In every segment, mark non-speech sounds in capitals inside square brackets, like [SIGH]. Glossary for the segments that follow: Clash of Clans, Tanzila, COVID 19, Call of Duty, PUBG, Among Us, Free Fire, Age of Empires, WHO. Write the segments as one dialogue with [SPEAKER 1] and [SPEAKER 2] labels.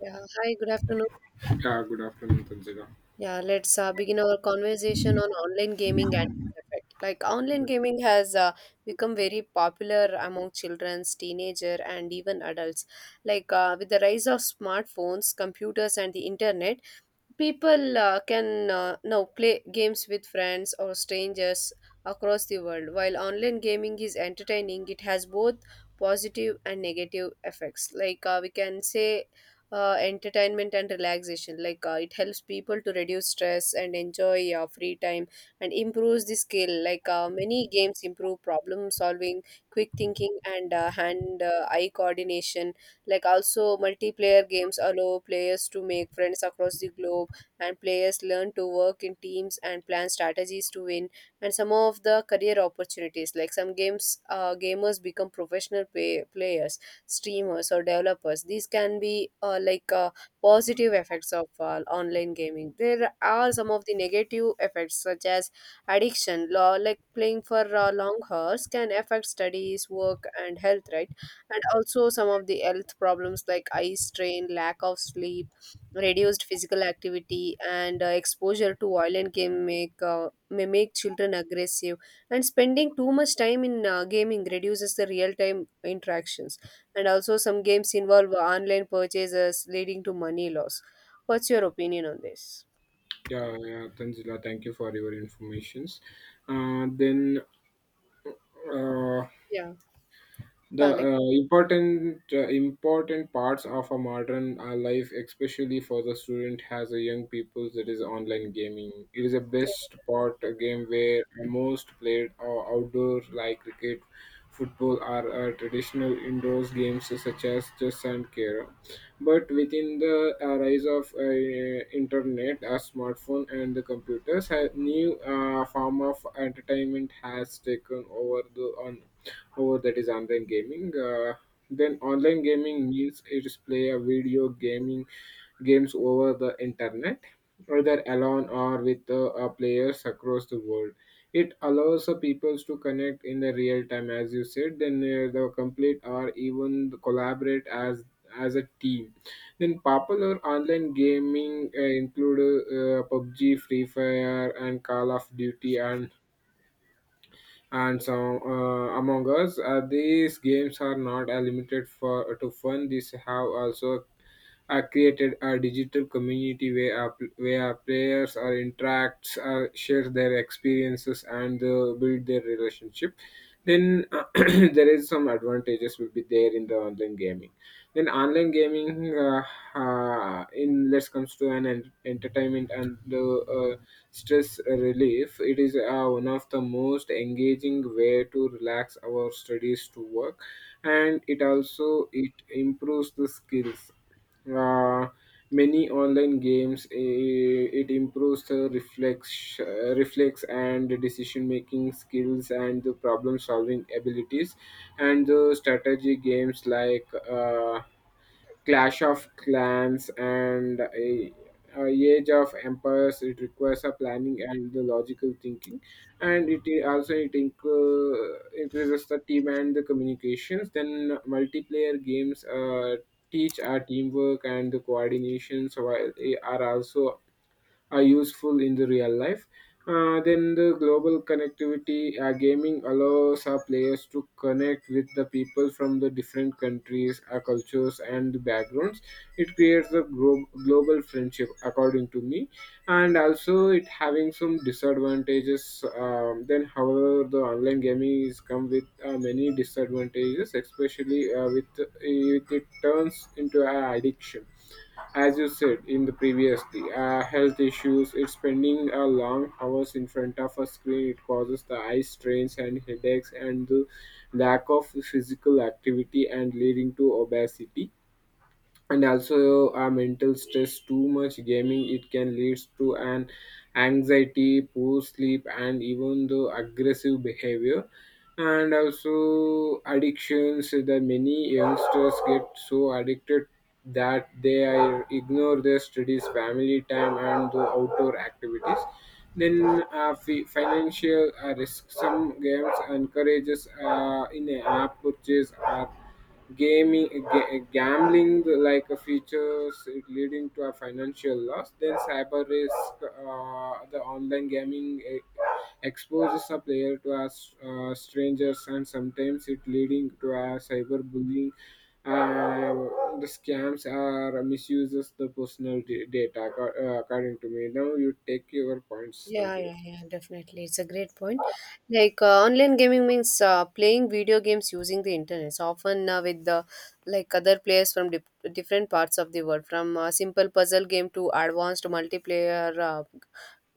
[SPEAKER 1] Yeah, hi, good afternoon.
[SPEAKER 2] Yeah, good afternoon, Tanzila.
[SPEAKER 1] Yeah, let's begin our conversation on online gaming and its effect. Like online gaming has become very popular among childrens, teenager, and even adults. Like with the rise of smartphones, computers, and the internet, people can now play games with friends or strangers across the world. While online gaming is entertaining, it has both positive and negative effects. Like we can say, entertainment and relaxation. Like it helps people to reduce stress and enjoy free time and improves the skill. Like many games improve problem solving, quick thinking, and hand eye coordination. Like also, multiplayer games allow players to make friends across the globe, and players learn to work in teams and plan strategies to win. And some of the career opportunities, like some games, gamers become professional players, streamers, or developers. These can be like positive effects of online gaming. There are some of the negative effects such as addiction law, like playing for long hours, can affect studies, work, and health, right? And also some of the health problems, like eye strain, lack of sleep, reduced physical activity, and exposure to violent game, make may make children aggressive. And spending too much time in gaming reduces the real-time interactions. And also, some games involve online purchases, leading to money loss. What's your opinion on this?
[SPEAKER 2] Yeah, Tanzila, thank you for your informations. Uh, then, uh,
[SPEAKER 1] Yeah,
[SPEAKER 2] The
[SPEAKER 1] Alec.
[SPEAKER 2] important important parts of a modern life, especially for the student, has a young people. That is online gaming. It is a best part a game where most played or outdoor like cricket, football, are traditional indoors games such as chess and carrom. But within the rise of internet, a smartphone and the computers, a new form of entertainment has taken over the on over that is online gaming. Then online gaming means it is play a video gaming games over the internet, either alone or with players across the world. It allows the peoples to connect in the real time, as you said. Then the complete or even collaborate as a team. Then popular online gaming include PUBG, Free Fire, and Call of Duty, and some among us. These games are not limited for to fun. These have also created a digital community where where players are interacts, share their experiences and build their relationship. Then [CLEARS THROAT] there is some advantages will be there in the online gaming. Then online gaming in Let's comes to an entertainment and the uh, stress relief. It is one of the most engaging way to relax our studies to work, and it also it improves the skills. uh, Many online games, it improves the reflex, reflex and decision making skills and the problem solving abilities, and the strategy games like Clash of Clans and a Age of Empires. It requires a planning and the logical thinking, and also increases the team and the communications. Then multiplayer games teach our teamwork and the coordinations, while they are also are useful in the real life. Then the global connectivity, gaming allows our players to connect with the people from the different countries, cultures, and backgrounds. It creates a global friendship, according to me, and also it having some disadvantages. However, the online gaming is come with many disadvantages, especially with it turns into an addiction, as you said in the previously. Health issues, it's spending long hours in front of a screen. It causes the eye strains and headaches and the lack of physical activity and leading to obesity. And also mental stress, too much gaming, it can lead to an anxiety, poor sleep, and even the aggressive behavior. And also addictions, the many youngsters get so addicted that they are ignore their studies, family time and the outdoor activities. Then financial risk, some games encourages in a app purchase or gaming gambling like a features, leading to a financial loss. Then cyber risk, the online gaming, exposes a player to strangers, and sometimes it leading to a cyberbullying. uh, the scams are misuses the personal data. According to me, now you take your points,
[SPEAKER 1] Yeah,
[SPEAKER 2] Tanzila.
[SPEAKER 1] yeah, yeah, definitely. It's a great point. Like online gaming means playing video games using the internet, so often with the, like, other players from different parts of the world, from simple puzzle game to advanced multiplayer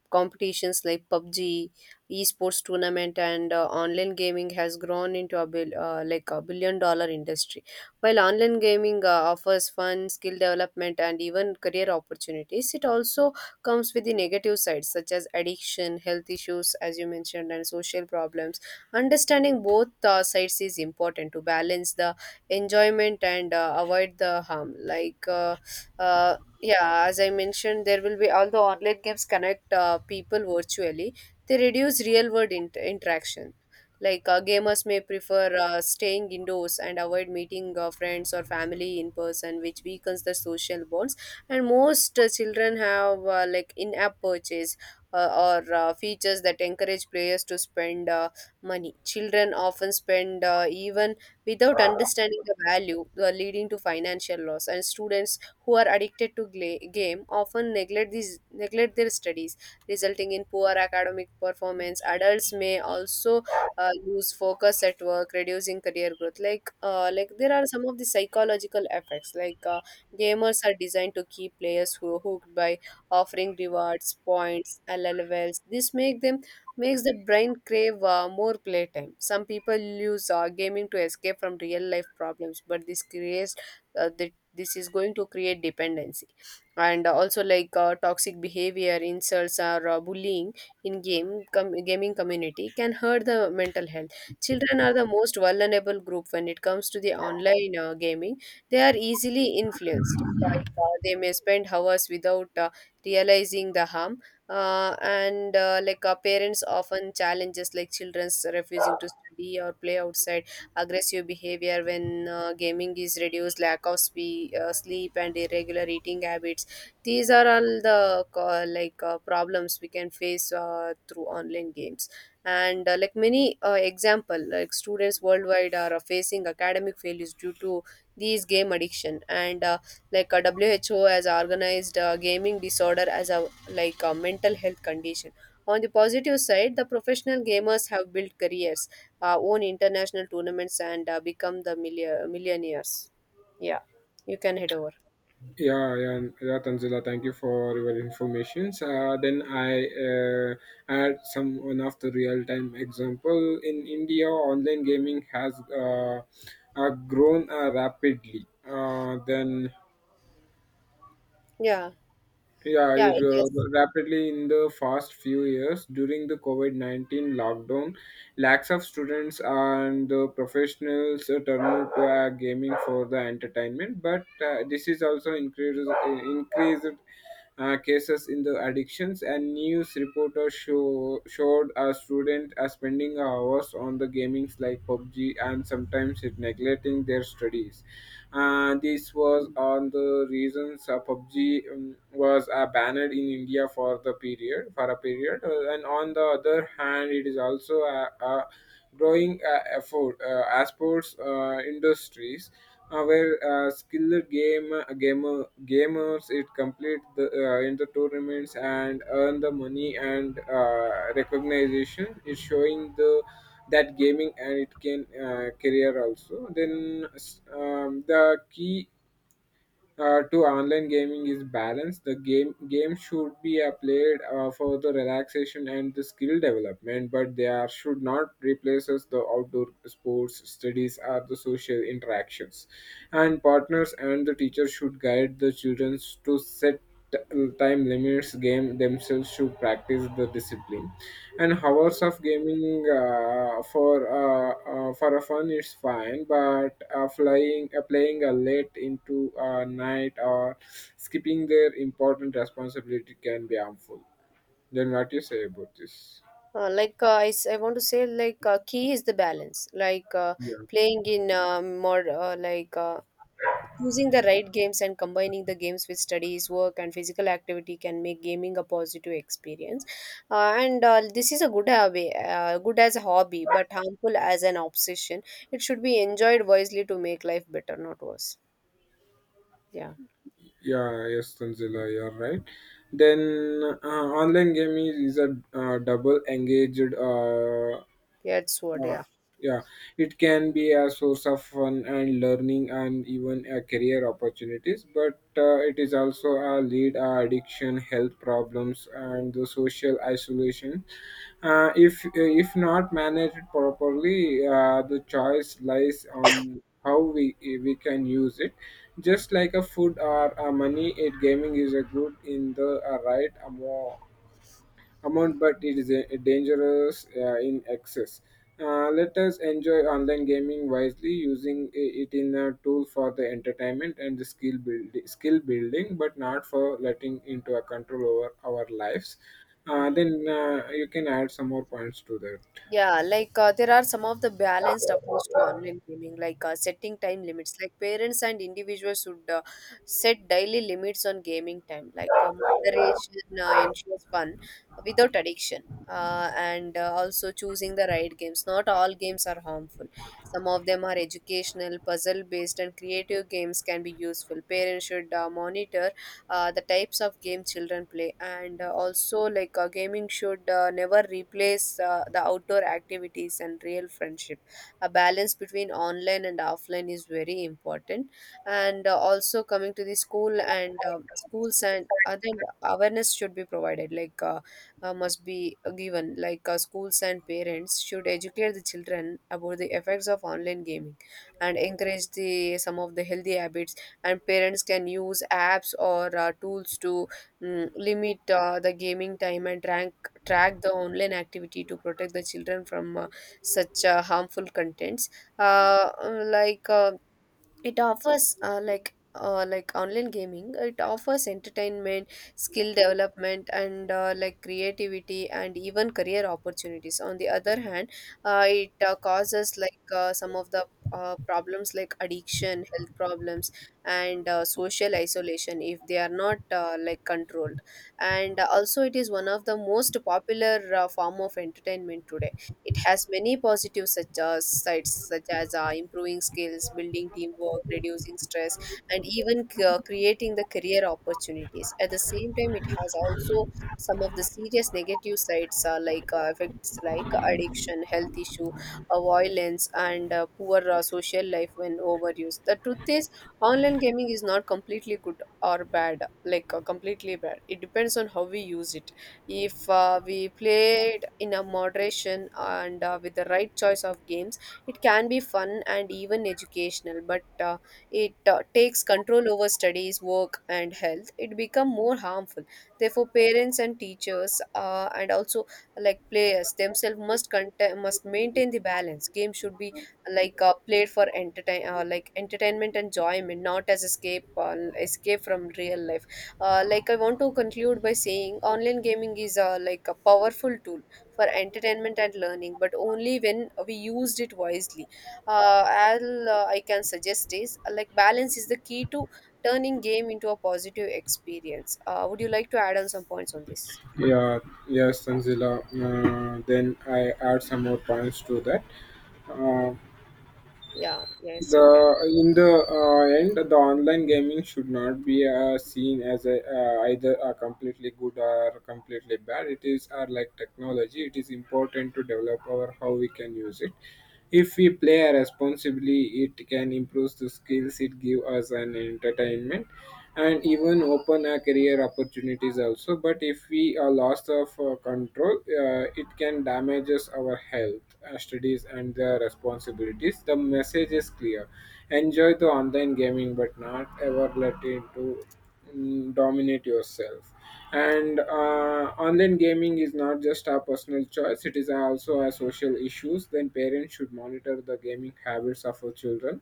[SPEAKER 1] competitions like PUBG, esports tournament, and online gaming has grown into a like a billion dollar industry. While online gaming offers fun, skill development, and even career opportunities, it also comes with the negative sides such as addiction, health issues, as you mentioned, and social problems. Understanding both sides is important to balance the enjoyment and avoid the harm. Like, uh, yeah, as I mentioned, there will be although online games connect people virtually. They reduce real world interaction. Like gamers may prefer staying indoors and avoid meeting friends or family in person, which weakens the social bonds. And most children have like in-app purchase uh, or features that encourage players to spend money. Children often spend even without understanding the value, leading to financial loss. And students who are addicted to game often neglect their studies, resulting in poor academic performance. Adults may also lose focus at work, reducing career growth. Like like, there are some of the psychological effects. Like gamers are designed to keep players who hooked by offering rewards, points, LLVs. This makes the brain crave more playtime. Some people use gaming to escape from real life problems, but uh, the this is going to create dependency. And also, like toxic behavior, insults, or bullying in gaming community can hurt the mental health. Children are the most vulnerable group when it comes to the online gaming. They are easily influenced. Like they may spend hours without realizing the harm. And like parents often challenges, like children's refusing to study or play outside, aggressive behavior when gaming is reduced, lack of sleep, and irregular eating habits. These are all the like problems we can face through online games. And like many example, like students worldwide are facing academic failures due to these game addiction. And like WHO has organized gaming disorder as a, like, a mental health condition. On the positive side, the professional gamers have built careers, won international tournaments, and become the millionaires. Yeah, you can head over.
[SPEAKER 2] Yeah, Tanzila. Thank you for your informations. Then I add some one of the real time example in India. Online gaming has grown rapidly.
[SPEAKER 1] Yeah,
[SPEAKER 2] Yeah,
[SPEAKER 1] yeah,
[SPEAKER 2] it,
[SPEAKER 1] it
[SPEAKER 2] uh,
[SPEAKER 1] is.
[SPEAKER 2] Rapidly in the past few years during the COVID 19 lockdown, lakhs of students and the professionals turned to gaming for the entertainment. But this is also increased cases in the addictions, and news reporters showed a student spending hours on the gamings like PUBG, and sometimes it neglecting their studies. This was on the reasons PUBG was banned in India for a period. And on the other hand, it is also a growing effort as sports industries, where skilled gamers it complete the in the tournaments and earn the money and recognition, is showing the that gaming and it can career also. Then the key to online gaming is balance. The game should be played for the relaxation and the skill development, but they are should not replace us the outdoor sports, studies or the social interactions. And partners and the teacher should guide the children to set t- time limits. Game themselves should practice the discipline, and hours of gaming for a fun is fine, but flying playing a late into a night or skipping their important responsibility can be harmful. Then what you say about this?
[SPEAKER 1] Like I want to say, like, key is the balance. Like,
[SPEAKER 2] Yeah,
[SPEAKER 1] playing in, more, like, choosing the right games and combining the games with studies, work, and physical activity can make gaming a positive experience. And this is a good hobby, good as a hobby, but harmful as an obsession. It should be enjoyed wisely to make life better, not worse. Yeah,
[SPEAKER 2] yeah, yes, Tanzila, you're right. Then online gaming is a double engaged.
[SPEAKER 1] that's what.
[SPEAKER 2] Yeah,
[SPEAKER 1] Yeah.
[SPEAKER 2] yeah, it can be a source of fun and learning and even a career opportunities, but it is also a lead addiction, health problems, and the social isolation. If not managed properly, the choice lies on how we can use it. Just like a food or a money, it gaming is a good in the right amount, but it is a dangerous in excess. Let us enjoy online gaming wisely, using it in a tool for the entertainment and the skill building, but not for letting into a control over our lives.
[SPEAKER 1] Yeah.
[SPEAKER 2] Then you can add some more points to that.
[SPEAKER 1] Yeah, like there are some of the balanced approach to online gaming, like setting time limits. Like, parents and individuals should set daily limits on gaming time. Like moderation ensures fun without addiction. And also, choosing the right games. Not all games are harmful. Some of them are educational, puzzle based, and creative games can be useful. Parents should monitor the types of game children play, and also, like, gaming should never replace the outdoor activities and real friendship. A balance between online and offline is very important. And also, coming to the school and schools and other, awareness should be provided, like, must be given, like schools and parents should educate the children about the effects of online gaming and encourage the some of the healthy habits. And parents can use apps or tools to limit the gaming time and track the online activity to protect the children from such harmful contents. Like, it offers, like, like online gaming, it offers entertainment, skill development, and like, creativity, and even career opportunities. On the other hand, it causes, like, some of the problems, like addiction, health problems, and social isolation, if they are not, like, controlled. And also, it is one of the most popular form of entertainment today. It has many positive such as sides, such as improving skills, building teamwork, reducing stress, and even creating the career opportunities. At the same time, it has also some of the serious negative sides, like, effects like addiction, health issue, violence, and poor social life when overused. The truth is, online gaming is not completely good or bad, like completely bad. It depends on how we use it. If we play it in a moderation and with the right choice of games, it can be fun and even educational. But it takes control over studies, work, and health. It become more harmful. Therefore, parents and teachers, and also, like, players themselves, must maintain the balance. Game should be, like, played for entertain like entertainment and enjoyment, not as escape from real life. Like, I want to conclude by saying online gaming is, like, a powerful tool for entertainment and learning, but only when we used it wisely. All I can suggest is, like, balance is the key to turning game into a positive experience. Would you like to add on some points on this?
[SPEAKER 2] Yeah, yes, Tanzila. Then I add some more points to that. Uh,
[SPEAKER 1] Yeah, yes, you can.
[SPEAKER 2] The in the end, the online gaming should not be seen as either a completely good or completely bad. It is are like technology. It is important to develop our how we can use it. If we play responsibly, it can improve the skills. It give us an entertainment and even open a career opportunity opportunities also. But if we are lost of control, it can damages our health, studies and the responsibilities. The message is clear: enjoy the online gaming, but not ever let it to dominate yourself. And online gaming is not just a personal choice, it is also a social issue. Then parents should monitor the gaming habits of our children.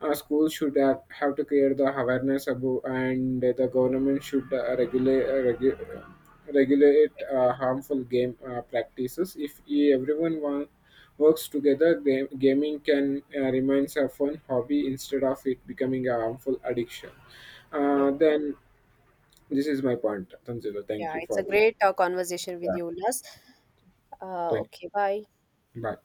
[SPEAKER 2] Schools should have to create the awareness about, and the government should regulate harmful game practices. If everyone works together, gaming can remain a fun hobby instead of it becoming a harmful addiction.
[SPEAKER 1] Yeah,
[SPEAKER 2] Then this is my point, Tanzila. Thank
[SPEAKER 1] yeah,
[SPEAKER 2] you
[SPEAKER 1] it's a
[SPEAKER 2] for
[SPEAKER 1] great conversation with
[SPEAKER 2] yeah.
[SPEAKER 1] you, Ulas.
[SPEAKER 2] Thank
[SPEAKER 1] Okay, bye.
[SPEAKER 2] you. Bye.